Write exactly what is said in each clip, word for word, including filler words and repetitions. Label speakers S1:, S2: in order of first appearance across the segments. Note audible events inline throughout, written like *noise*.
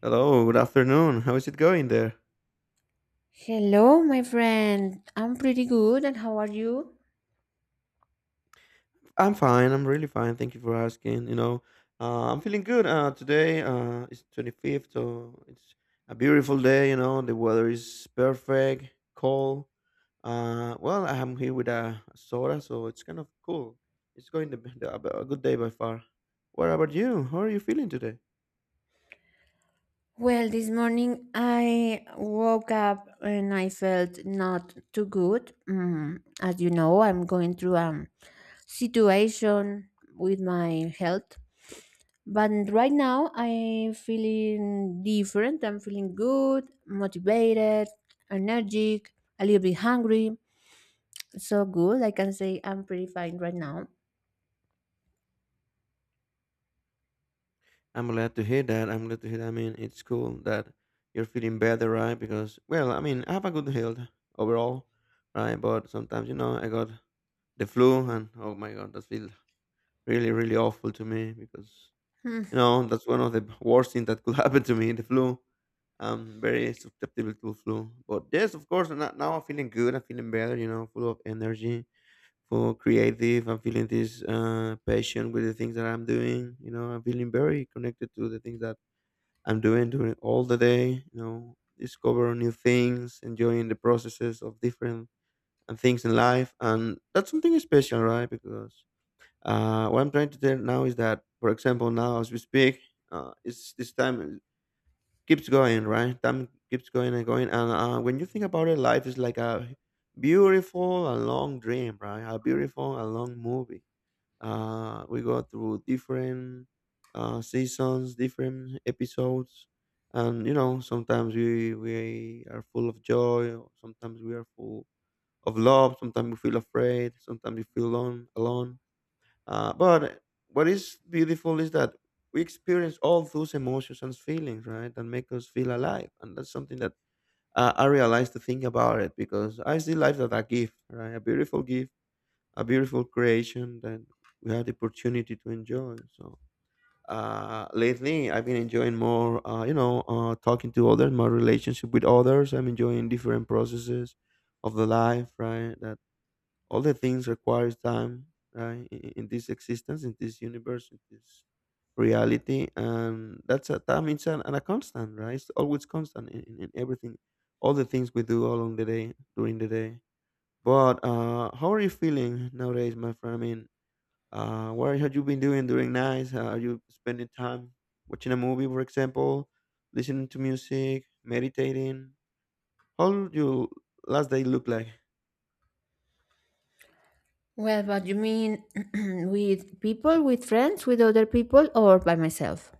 S1: Hello, good afternoon. How is it going there?
S2: Hello, my friend. I'm pretty good, and how are you?
S1: I'm fine. I'm really fine. Thank you for asking. You know, uh, I'm feeling good. Uh, today uh, is twenty-fifth, so it's a beautiful day. You know, the weather is perfect, cold. Uh, well, I'm here with a soda, so it's kind of cool. It's going to be a a good day by far. What about you? How are you feeling today?
S2: Well, this morning I woke up and I felt not too good. Mm, as you know, I'm going through a situation with my health, but right now I'm feeling different. I'm feeling good, motivated, energetic, a little bit hungry. So good, I can say I'm pretty fine right now.
S1: I'm glad to hear that. I'm glad to hear that. I mean, it's cool that you're feeling better, right? Because, well, I mean, I have a good health overall, right? But sometimes, you know, I got the flu, and oh my God, that feels really, really awful to me because, you
S2: *laughs*
S1: know, that's one of the worst things that could *laughs* happen to me, the flu. I'm very susceptible to flu. But yes, of course, no- now I'm feeling good. I'm feeling better, you know, full of energy, full of creative. I'm feeling this uh, passion with the things that I'm doing. You know, I'm feeling very connected to the things that I'm doing during all the day. You know, discover new things, enjoying the processes of different and things in life, and that's something special, right? Because uh, what I'm trying to tell now is that, for example, now as we speak, uh, it's this time keeps going, right? Time keeps going and going, and uh, when you think about it, life is like a beautiful and long dream, right? A beautiful and long movie uh, we go through different uh, seasons, different episodes, and you know sometimes we we are full of joy, or sometimes we are full of love, sometimes we feel afraid, sometimes we feel alone. alone. Uh, but what is beautiful is that we experience all those emotions and feelings, right, that make us feel alive, and that's something that uh, I realized to think about it, because I see life as a gift, right, a beautiful gift, a beautiful creation that we had the opportunity to enjoy. So uh, lately, I've been enjoying more, uh, you know, uh, talking to others, my relationship with others. I'm enjoying different processes of the life, right? That all the things requires time, right? In, in this existence, in this universe, in this reality, and that's a time, it's an, and a constant, right? It's always constant in, in in everything, all the things we do along the day, during the day. But uh, how are you feeling nowadays, my friend? I mean, uh, what have you been doing during nights? Uh, are you spending time watching a movie, for example, listening to music, meditating? How would your last day look like?
S2: Well, but you mean *clears throat* with people, with friends, with other people, or by myself?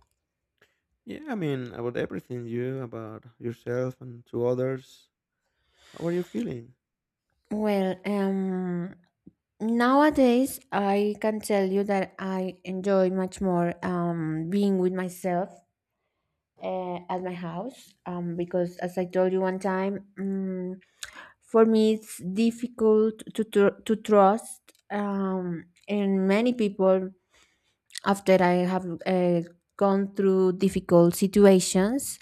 S1: Yeah, I mean, about everything you, about yourself and to others. How are you feeling?
S2: Well, um, Nowadays I can tell you that I enjoy much more um, being with myself uh, at my house um, because, as I told you one time, um, for me it's difficult to, tr- to trust um, in many people after I have uh, gone through difficult situations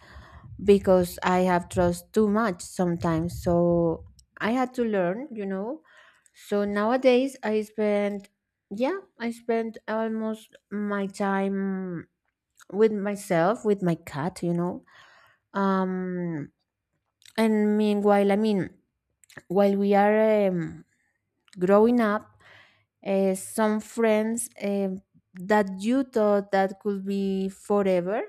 S2: because I have trust too much sometimes. So I had to learn, you know. So nowadays I spend, yeah, I spend almost my time with myself, with my cat, you know. Um, and meanwhile, I mean, while we are um, growing up, uh, some friends um that you thought that could be forever,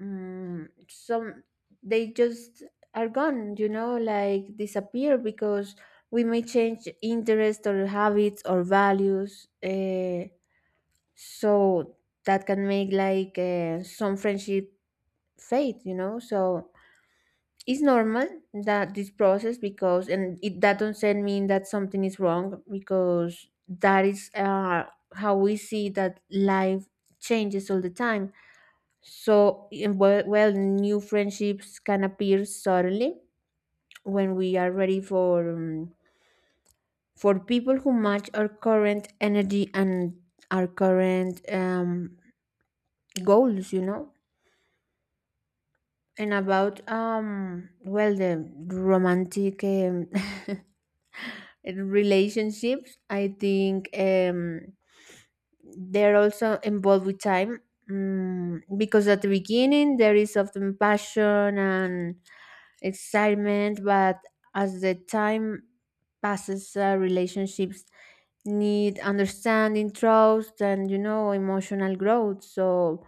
S2: mm, some they just are gone, you know, like disappear because we may change interest or habits or values, uh, so that can make like uh, some friendship fade, you know. So it's normal that this process, because and it that doesn't mean that something is wrong, because that is uh, how we see that life changes all the time. So, in- well, well, new friendships can appear suddenly when we are ready for um, for people who match our current energy and our current um, goals, you know. And about um, well, the romantic um, *laughs* relationships, I think um, they're also involved with time, mm, because at the beginning there is often passion and excitement, but as the time passes uh, relationships need understanding, trust, and, you know, emotional growth. So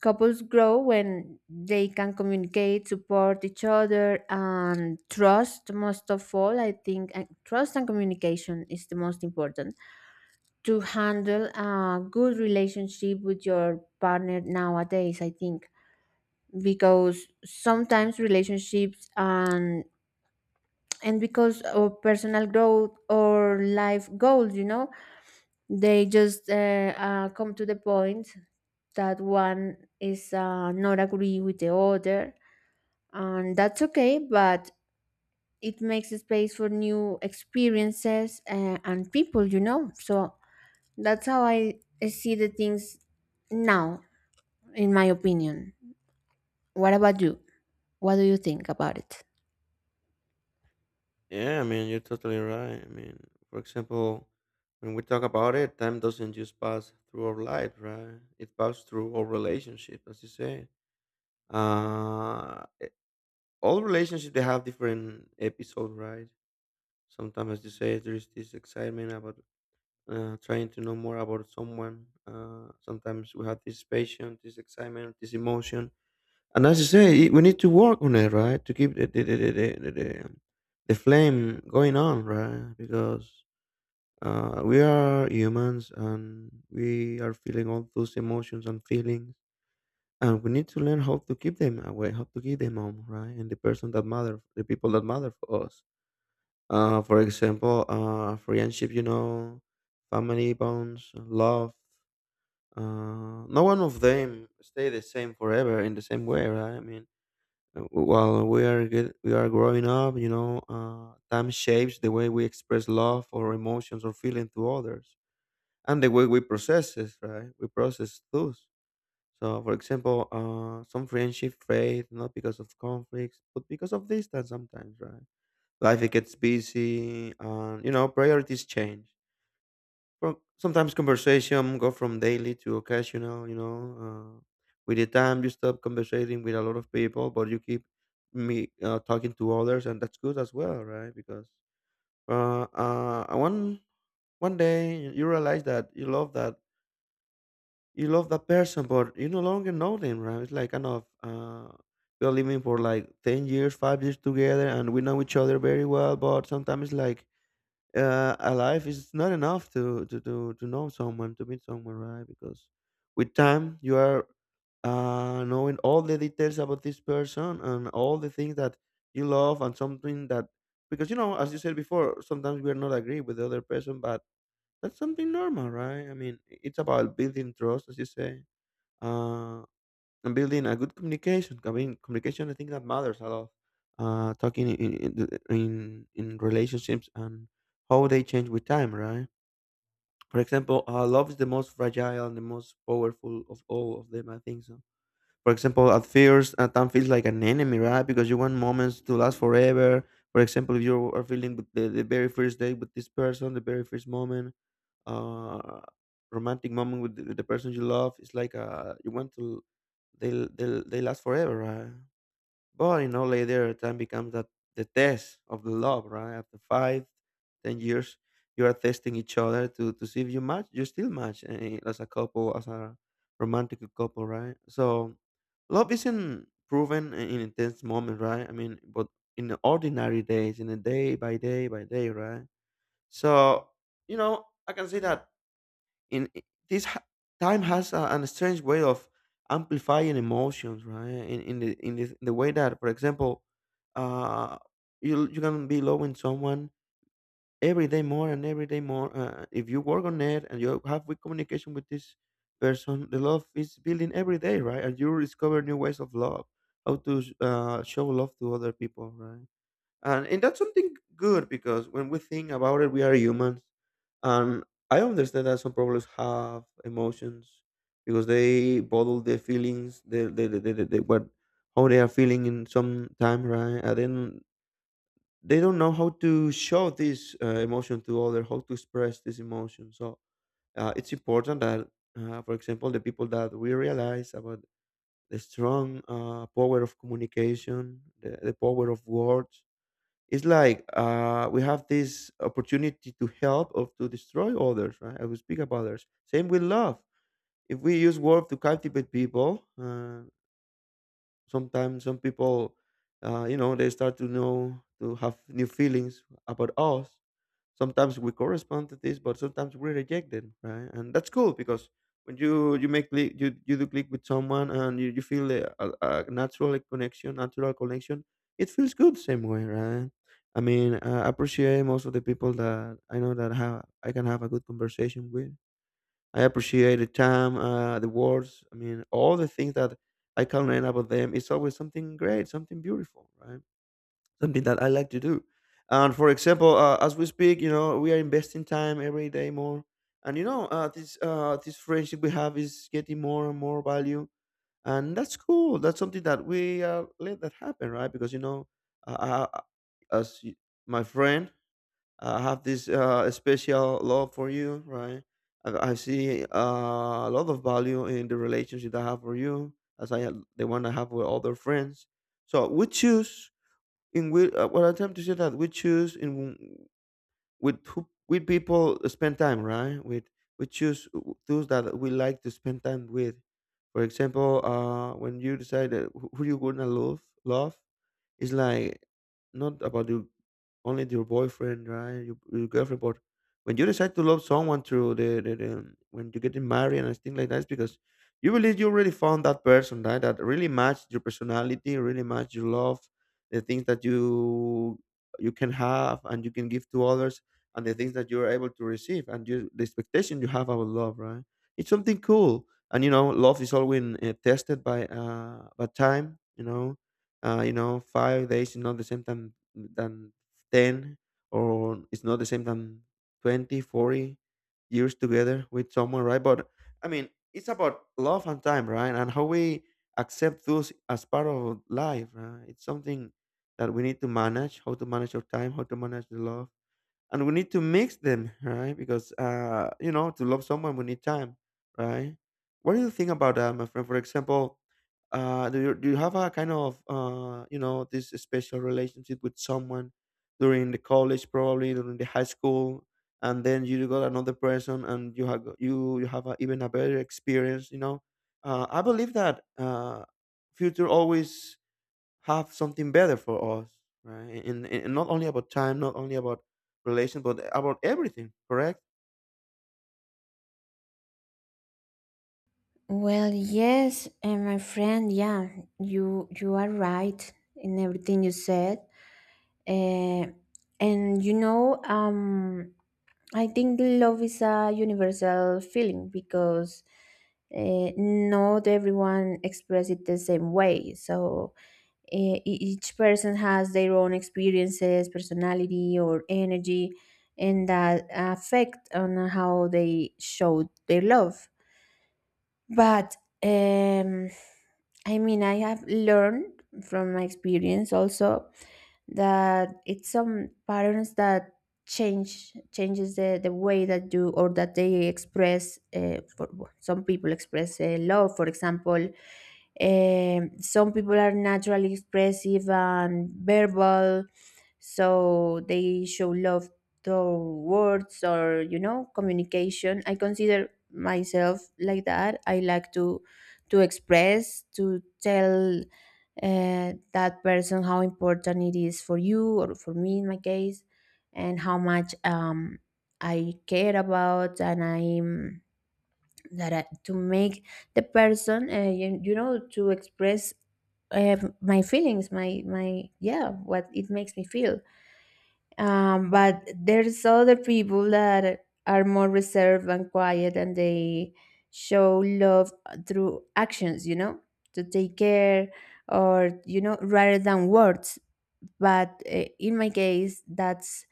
S2: couples grow when they can communicate, support each other, and trust, most of all, I think. And trust and communication is the most important to handle a good relationship with your partner nowadays, I think, because sometimes relationships and and because of personal growth or life goals, you know, they just uh, uh, come to the point that one is uh, not agree with the other, and that's okay, but it makes space for new experiences, uh, and people, you know. So that's how I, I see the things now, in my opinion. What about you? What do you think about it?
S1: Yeah, I mean, you're totally right. I mean, for example, when we talk about it, time doesn't just pass through our life, right? It passes through our relationship, as you say. Uh, eh, all relationships they have different episodes, right? Sometimes, as you say, there's this excitement about uh, trying to know more about someone, uh, sometimes we have this passion, this excitement, this emotion. And as you say, it- we need to work on it, right, to keep the the, the, the, the, the, the flame going on, right? Because uh, we are humans and we are feeling all those emotions and feelings, and we need to learn how to keep them away, how to keep them on, right? And the person that matter the people that matter for us, uh, for example, uh, friendship, you know, family bonds, love. Uh, no one of them stay the same forever in the same way, right? I mean, uh, while we are get, we are growing up, you know, uh, time shapes the way we express love or emotions or feeling to others, and the way we process it, right? We process those. So, for example, uh, some friendship fade not because of conflicts, but because of distance sometimes, right? Life gets busy, and you know priorities change. Well, sometimes conversation go from daily to occasional. You know, uh, with the time you stop conversating with a lot of people, but you keep me uh, talking to others, and that's good as well, right? Because uh, uh, one one day you realize that you love that you love that person, but you no longer know them, right? It's like kind of, uh, you're living for like ten years, five years together, and we know each other very well. But sometimes, it's like, uh, alive is not enough to, to to to know someone, to meet someone, right? Because with time you are uh, knowing all the details about this person and all the things that you love, and something that, because you know as you said before, sometimes we are not agree with the other person, but that's something normal, right? I mean, it's about building trust, as you say. Uh, and building a good communication. I mean, communication. I think that matters a lot. Uh, talking in in the- in, in relationships and how they change with time, right? For example, uh, love is the most fragile and the most powerful of all of them. I think so. For example, at first, uh, time feels like an enemy, right? Because you want moments to last forever. For example, if you are feeling with the, the very first day with this person, the very first moment, uh, romantic moment with the, with the person you love, is like, uh, you want to they'll they'll they last forever, right? But you know later, time becomes that the test of the love, right? After five, ten years, you are testing each other to to see if you match. You still match, eh, as a couple, as a romantic couple, right? So love isn't proven in in intense moment, right? I mean, but in the ordinary days, in a day by day by day, right? So, you know, I can say that, in I- this ha- time has a, an strange way of amplifying emotions, right, in, in the in the, the way that, for example, uh you you can be loving someone every day more and every day more, uh, if you work on it and you have good communication with this person, the love is building every day, right? And you discover new ways of love, how to uh, show love to other people, right? And and that's something good, because when we think about it, we are humans. And I understand that some problems have emotions because they bottle their feelings, the the the the the the- what, how they are feeling in some time, right? And then they don't know how to show this uh, emotion to other, how to express this emotion. So uh, it's important that, uh, for example, the people that we realize about the strong uh, power of communication, the, the power of words. It's like, uh, we have this opportunity to help or to destroy others, right? I will speak about others. Same with love. If we use words to captivate people, uh, sometimes some people, uh, you know, they start to know to have new feelings about us, sometimes we correspond to this but sometimes we reject it, right? And that's cool, because when you you make click, you, you do click with someone and you, you feel a, a, a natural connection, natural connection it feels good same way, right? I mean, I appreciate most of the people that I know, that have I can have a good conversation with. I appreciate the time, uh, the words, I mean all the things that I can learn about them, it's always something great, something beautiful, right, something that I like to do. And for example, uh, as we speak, you know, we are investing time every day more, and you know, uh, this uh, this friendship we have is getting more and more value, and that's cool. That's something that we uh, let that happen, right? Because you know, uh, I, I- as y- my friend, I have this uh, special love for you, right? I, I see, uh, a lot of value in the relationship that I have for you, as I have- the one I have with other friends. So we choose, in which uh, what I'm trying to say that we choose, in with who, with people spend time, right? With, we choose those that we like to spend time with. For example, uh when you decide that who who you gonna love love, it's like, not about you only your boyfriend, right? Your, your girlfriend, but when you decide to love someone through the, the, the um, when you getting married and things like that, it's because you believe you already found that person, right? That really matched your personality, really matched your love, the things that you you can have and you can give to others, and the things that you are able to receive, and you, the expectation you have about love, right? It's something cool, and you know, love is always uh, tested by uh by time, you know uh, you know, Five days is not the same than than ten, or it's not the same than twenty, forty years together with someone, right? But I mean, it's about love and time, right? And how we accept those as part of life, right? It's something that we need to manage, how to manage our time, how to manage the love, and we need to mix them, right, because uh you know to love someone we need time, right. What do you think about that, my friend? For example, uh do you, do you have a kind of uh you know this special relationship with someone during the college, probably during the high school, and then you got another person and you have you you have a, even a better experience, you know uh, i believe that uh future always have something better for us, right? And, and and not only about time, not only about relation, but about everything, correct?
S2: Well, yes, and my friend, yeah, you you are right in everything you said. Uh, and you know, um, I think love is a universal feeling because uh, not everyone expresses it the same way. So uh, e- each person has their own experiences, personality, or energy, and that affect on how they show their love. But um, I mean, I have learned from my experience also that it's some patterns that change changes the, the way that you or that they express uh, for, some people express uh, love, for example. Um, some people are naturally expressive and verbal, so they show love through words or, you know, communication. I consider myself like that. I like to to express, to tell uh, that person how important it is for you, or for me in my case, and how much um, I care about, and I'm that I, to make the person uh, you, you know, to express uh, my feelings, my my yeah, what it makes me feel. Um, but there's other people that are more reserved and quiet, and they show love through actions, you know, to take care, or, you know, rather than words. But uh, in my case, that's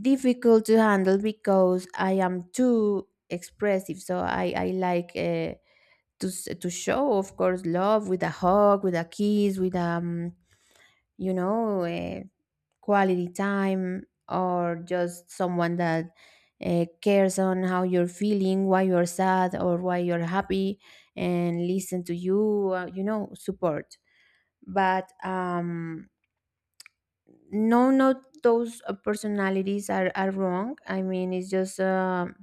S2: difficult to handle because I am too expressive. So I, I like uh, to, s- to show, of course, love with a hug, with a kiss, with, um, you know, eh, quality time, or just someone that uh, cares on how you're feeling, why you're sad or why you're happy, and listen to you, uh, you know, support. But um, no, not those uh, personalities are, are wrong. I mean, it's just a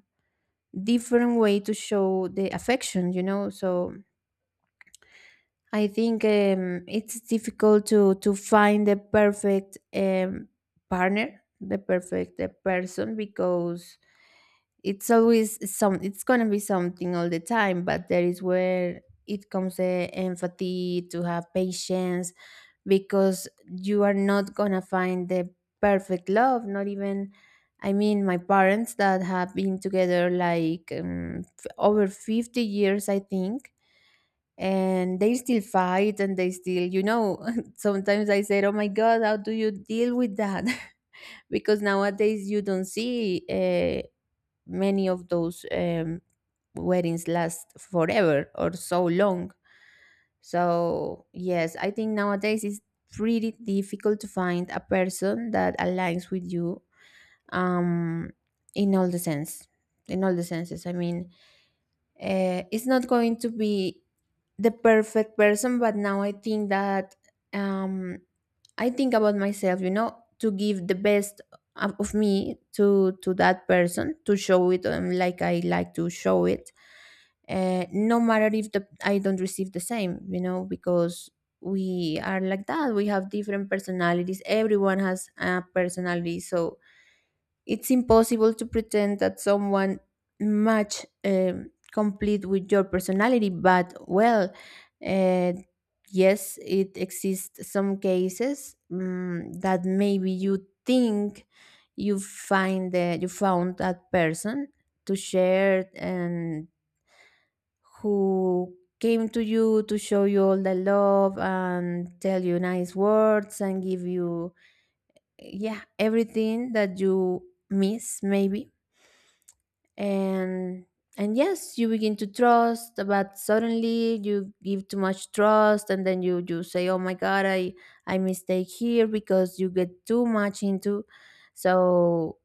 S2: different way to show the affection, you know. So I think um, it's difficult to to find the perfect um, partner, the perfect uh, person, because it's always some. It's gonna be something all the time, but there is where it comes the empathy to have patience, because you are not gonna find the perfect love. Not even, I mean, my parents that have been together like um, f- over fifty years, I think, and they still fight and they still, you know, *laughs* sometimes I said, oh my god, how do you deal with that? *laughs* Because nowadays you don't see uh, many of those um, weddings last forever or so long. So yes, I think nowadays it's pretty difficult to find a person that aligns with you, um in all the sense, in all the senses, I mean, uh, is not going to be the perfect person. But now I think that, um, I think about myself, you know, to give the best of of me to to that person, to show it um, like I like to show it, uh, no matter if the I don't receive the same, you know, because we are like that. We have different personalities, everyone has a personality. So it's impossible to pretend that someone match um, complete with your personality, but well, uh, yes, it exists some cases, mm, that maybe you think you find that you found that person to share, and who came to you to show you all the love and tell you nice words and give you, yeah, everything that you miss maybe. And and yes, you begin to trust, but suddenly you give too much trust, and then you you say, oh my god, I i mistake here because you get too much into. So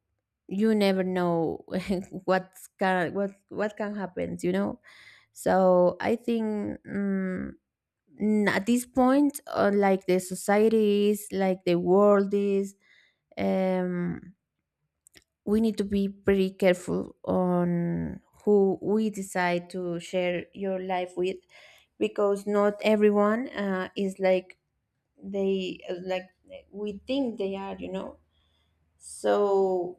S2: you never know *laughs* what can what what can happen, you know. So I think, mm, n- at this point, uh, like the society is like the world is, um we need to be pretty careful on who we decide to share your life with, because not everyone uh, is like they like we think they are, you know. So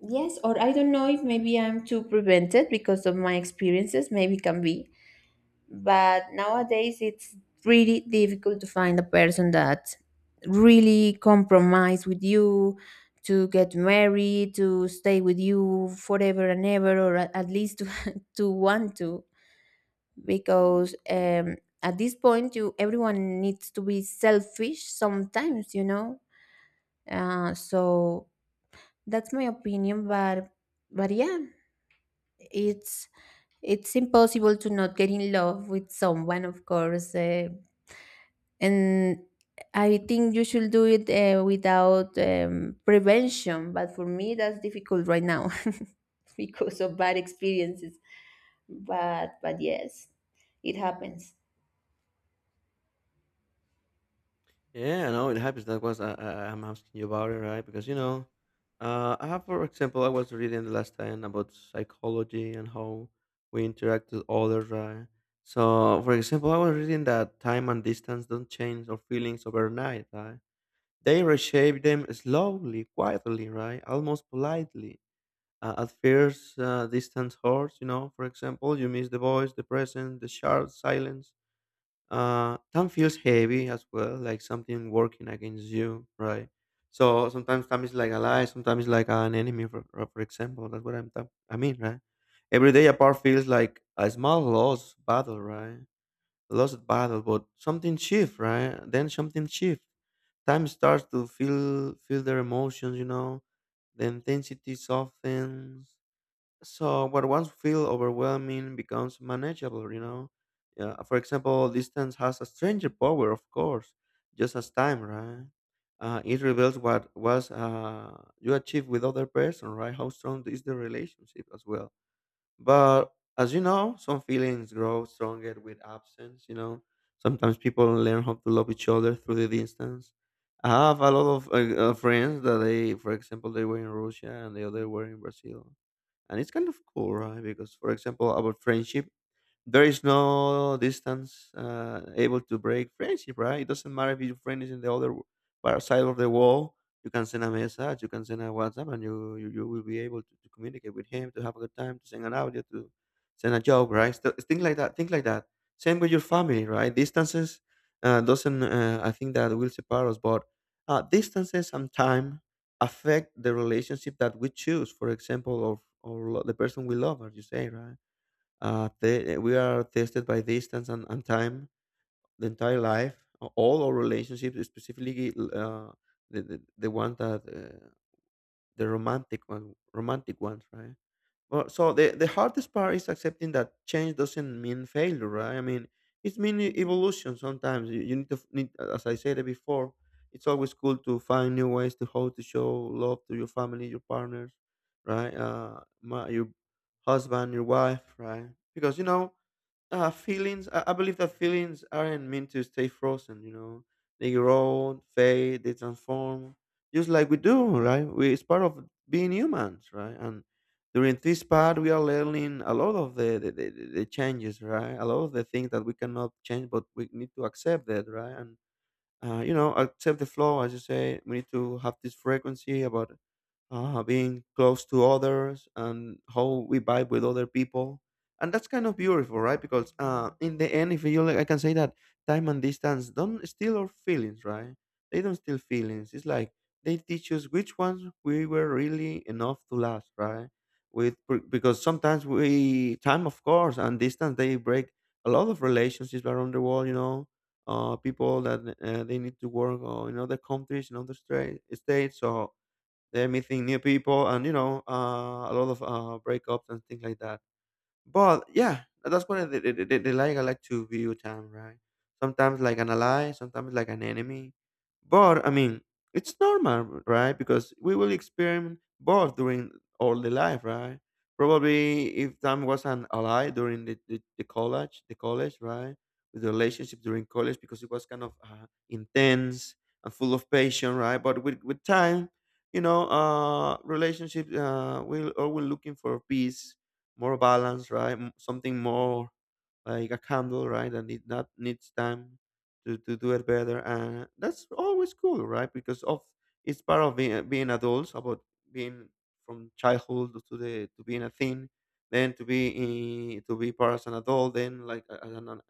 S2: yes, or I don't know if maybe I'm too prevented because of my experiences, maybe can be, but nowadays it's really difficult to find a person that really compromise with you, to get married, to stay with you forever and ever, or a- at least to, *laughs* to want to, because um, at this point you everyone needs to be selfish sometimes, you know. Uh, so that's my opinion, but but yeah, it's it's impossible to not get in love with someone, of course, uh, and I think you should do it uh, without um, prevention. But for me, that's difficult right now *laughs* because of bad experiences. But but yes, it happens.
S1: Yeah, no, it happens. That was I, I, I'm asking you about it, right? Because you know, uh, I have, for example, I was reading the last time about psychology and how we interact with others, right? So, for example, I was reading that time and distance don't change our feelings overnight, right? They reshape them slowly, quietly, right? Almost politely. Uh, at first, uh, distance hurts, you know, for example, you miss the voice, the presence, the sharp silence. Uh, time feels heavy as well, like something working against you, right? So sometimes time is like a lie, sometimes it's like an enemy, for, uh, for example. That's what I'm ta- I mean, right? Every day apart feels like a small loss battle, right? Lost battle, but something shift, right? Then something shift. Time starts to feel feel their emotions, you know, the intensity softens, so what once feel overwhelming becomes manageable, you know. Yeah, for example, distance has a stranger power, of course, just as time, right? Uh, it reveals what was uh, you achieve with other person, right? How strong is the relationship as well. But as you know, some feelings grow stronger with absence. You know, sometimes people learn how to love each other through the distance. I have a lot of uh, uh, friends that they, for example, they were in Russia and the other were in Brazil, and it's kind of cool, right? Because, for example, about friendship, there is no distance uh, able to break friendship, right? It doesn't matter if your friend is in the other w- par- side of the wall. You can send a message, you can send a WhatsApp, and you you, you will be able to, to communicate with him, to have a good time, to send an audio, to send a joke, right? So, things like that. Things like that. Same with your family, right? Distances uh, doesn't. Uh, I think that will separate us, but uh, distances and time affect the relationship that we choose. For example, of or lo- the person we love, as you say, right? Uh, te- we are tested by distance and, and time the entire life. A- All our relationships, specifically uh, the, the the one that uh, the romantic one, romantic ones, right? Well, so the the hardest part is accepting that change doesn't mean failure, right? I mean, it's mean e- evolution. Sometimes you, you need to f- need, as I said it before, it's always cool to find new ways to how to show love to your family, your partners, right? Uh, my, your husband, your wife, right? Because you know uh feelings, I, I believe that feelings aren't meant to stay frozen you know They grow, fade, they transform, just like we do, right? We it's part of being humans, right? And during this part we are learning a lot of the the, the, the the changes, right? A lot of the things that we cannot change, but we need to accept that, right? And uh, you know accept the flow, as you say. We need to have this frequency about uh, being close to others and how we vibe with other people, and that's kind of beautiful, right? Because uh, in the end, if you like, I can say that time and distance don't steal our feelings, right? They don't steal feelings, it's like they teach us which ones we were really enough to last, right? With be- because sometimes we time, of course, and distance, they break a lot of relationships around the world you know uh, People that uh, they need to work uh, in other countries, in other stra- states, or they're meeting new people, and you know, uh, a lot of uh, breakups and things like that. But yeah, that's what they, they, they, they like. I like to view time, right? Sometimes like an ally, sometimes like an enemy. But I mean, it's normal, right? Because we will experiment both during all the life, right? Probably if time was an ally during the, the, the college, the college, right? With the relationship during college, because it was kind of uh, intense and full of passion, right? But with, with time, you know, uh, relationship, uh, we are always looking for peace, more balance, right? M- Something more like a candle, right? That need that needs time to, to do it better, and that's always cool, right? Because of it's part of being, being adults, about being from childhood to the to being a teen, then to be in, to be part as an adult, then like a- as an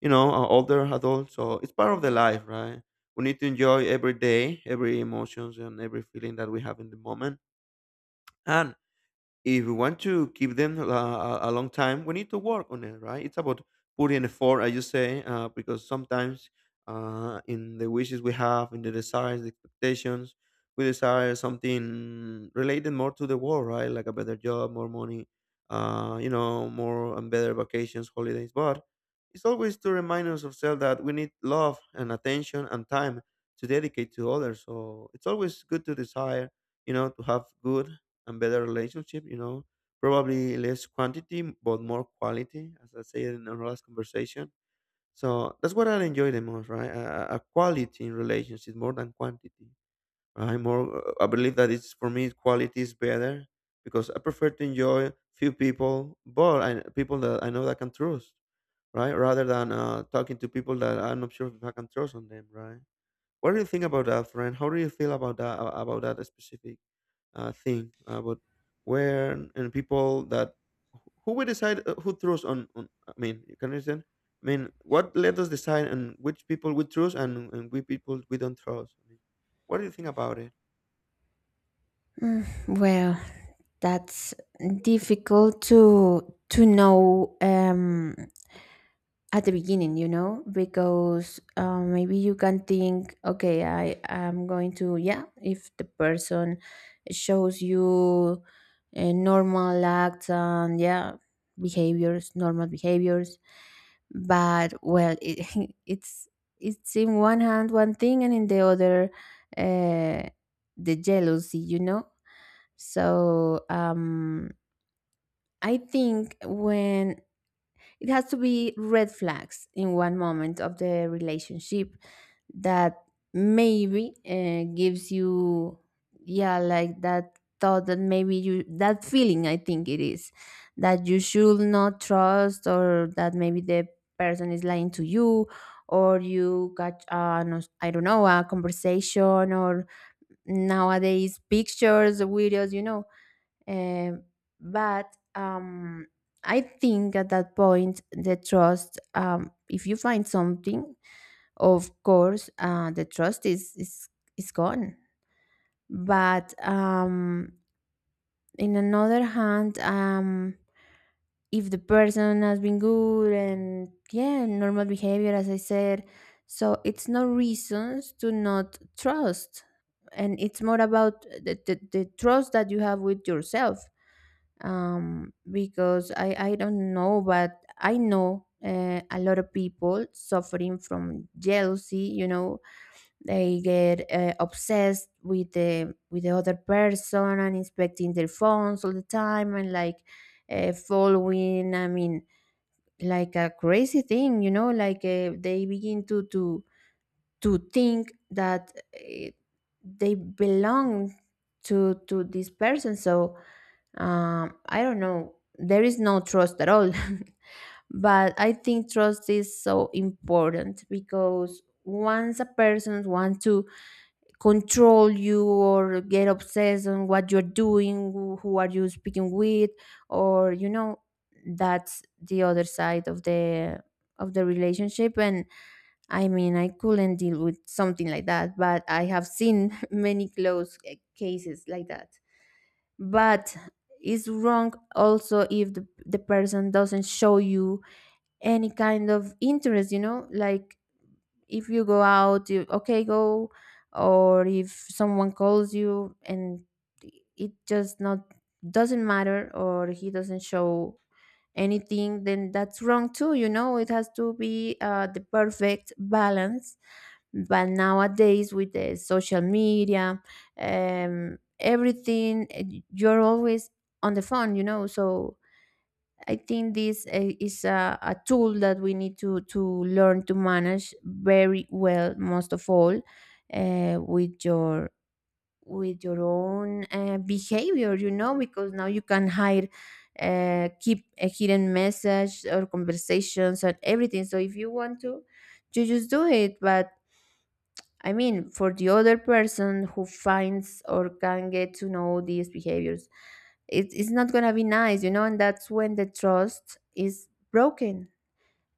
S1: you know an older adult. So it's part of the life, right? We need to enjoy every day, every emotions, and every feeling that we have in the moment. And if we want to keep them a, a a long time, we need to work on it, right? It's about putting effort, as you say, uh, because sometimes uh, in the wishes we have, in the desires, the expectations, we desire something related more to the world, right? Like a better job, more money, uh, you know, more and better vacations, holidays. But it's always to remind us ourselves that we need love and attention and time to dedicate to others. So it's always good to desire, you know, to have good and better relationship. You know, probably less quantity but more quality, as I said in our last conversation. So that's what I enjoy the most, right? A, a a quality in relationships more than quantity. Right? More, uh, I believe that it's for me quality is better, because I prefer to enjoy few people, but I, people that I know that I can trust, right? Rather than uh, talking to people that I'm not sure if I can trust on them, right? What do you think about that, friend? How do you feel about that, about that specific uh, thing about where and people that who we decide uh, who trust on, on, I mean? You can understand, I mean, what let us decide and which people we trust, and, and which people we don't trust, I mean. What do you think about it?
S2: Mm, well, that's difficult to to know. Um, at the beginning, you know, because uh, maybe you can think, okay, I am going to, yeah, if the person shows you uh, normal acts and yeah behaviors, normal behaviors, but well, it, *laughs* it's it's in one hand one thing, and in the other uh, the jealousy, you know. So um I think when it has to be red flags in one moment of the relationship that maybe uh, gives you, yeah, like that thought that maybe you, that feeling, I think it is, that you should not trust, or that maybe the person is lying to you, or you got, uh, no, I don't know, a conversation, or nowadays pictures, videos, you know. Um, but um, I think at that point, the trust, um, if you find something, of course, uh, the trust is, is, is gone. But um, in another hand, um, if the person has been good and, yeah, normal behavior, as I said, so it's no reasons to not trust. And it's more about the, the, the trust that you have with yourself, um, because I, I don't know, but I know uh, a lot of people suffering from jealousy. You know, they get uh, obsessed with the with the other person, and inspecting their phones all the time, and like uh, following. I mean, like a crazy thing. You know, like uh, they begin to to to think that uh, they belong to to this person. So um, I don't know. There is no trust at all. *laughs* But I think trust is so important, because once a person wants to control you or get obsessed on what you're doing, who who are you speaking with, or you know, that's the other side of the of the relationship. And I mean, I couldn't deal with something like that, but I have seen *laughs* many close, eh, cases like that. But it's wrong also if the, the person doesn't show you any kind of interest, you know, like if you go out you okay go, or if someone calls you and it just not doesn't matter, or he doesn't show anything, then that's wrong too, you know. It has to be uh, the perfect balance. But nowadays, with the social media, um, everything, eh, you're always on the phone, you know. So I think this, eh, is a, a tool that we need to to learn to manage very well, most of all, uh, with your with your own uh, behavior, you know, because now you can hide uh, keep a hidden message or conversations and everything. So if you want to, you just do it. But I mean, for the other person who finds or can get to know these behaviors, it, it's not going to be nice, you know, and that's when the trust is broken.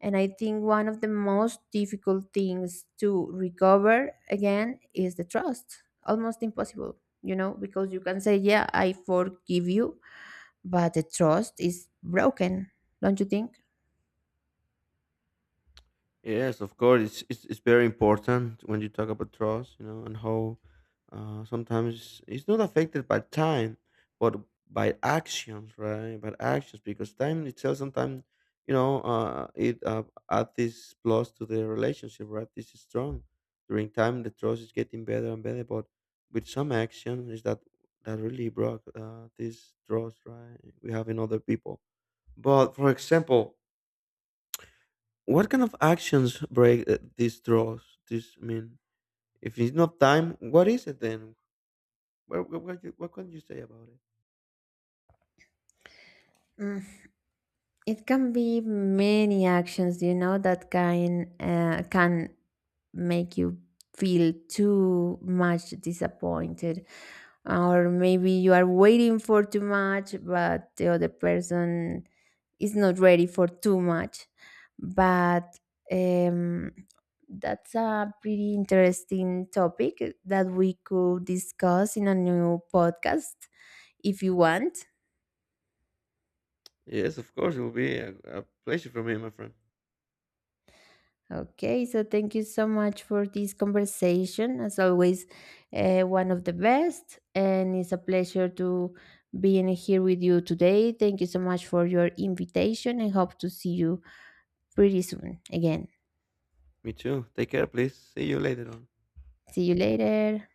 S2: And I think one of the most difficult things to recover again is the trust. Almost impossible, you know, because you can say, yeah, I forgive you, but the trust is broken, don't you think?
S1: Yes, of course. It's, it's it's very important when you talk about trust, you know, and how uh, sometimes it's not affected by time, but by actions, right? By actions, because time itself sometimes, you know, uh, it uh, add this plus to the relationship, right? This is strong. During time, the trust is getting better and better, but with some action is that that really broke uh, this trust, right? We have in other people. But for example, what kind of actions break uh, these draws? This, I mean, if it's not time, what is it then? What what what, you- what can you say about it?
S2: Mm. It can be many actions, you know, that can uh, can make you feel too much disappointed, or maybe you are waiting for too much, but the other person is not ready for too much. But um, that's a pretty interesting topic that we could discuss in a new podcast if you want.
S1: Yes, of course, it will be a, a pleasure for me, my friend.
S2: Okay, so thank you so much for this conversation. As always, uh, one of the best, and it's a pleasure to being here with you today. Thank you so much for your invitation, and hope to see you pretty soon again.
S1: Me too. Take care, please. See you later on.
S2: See you later.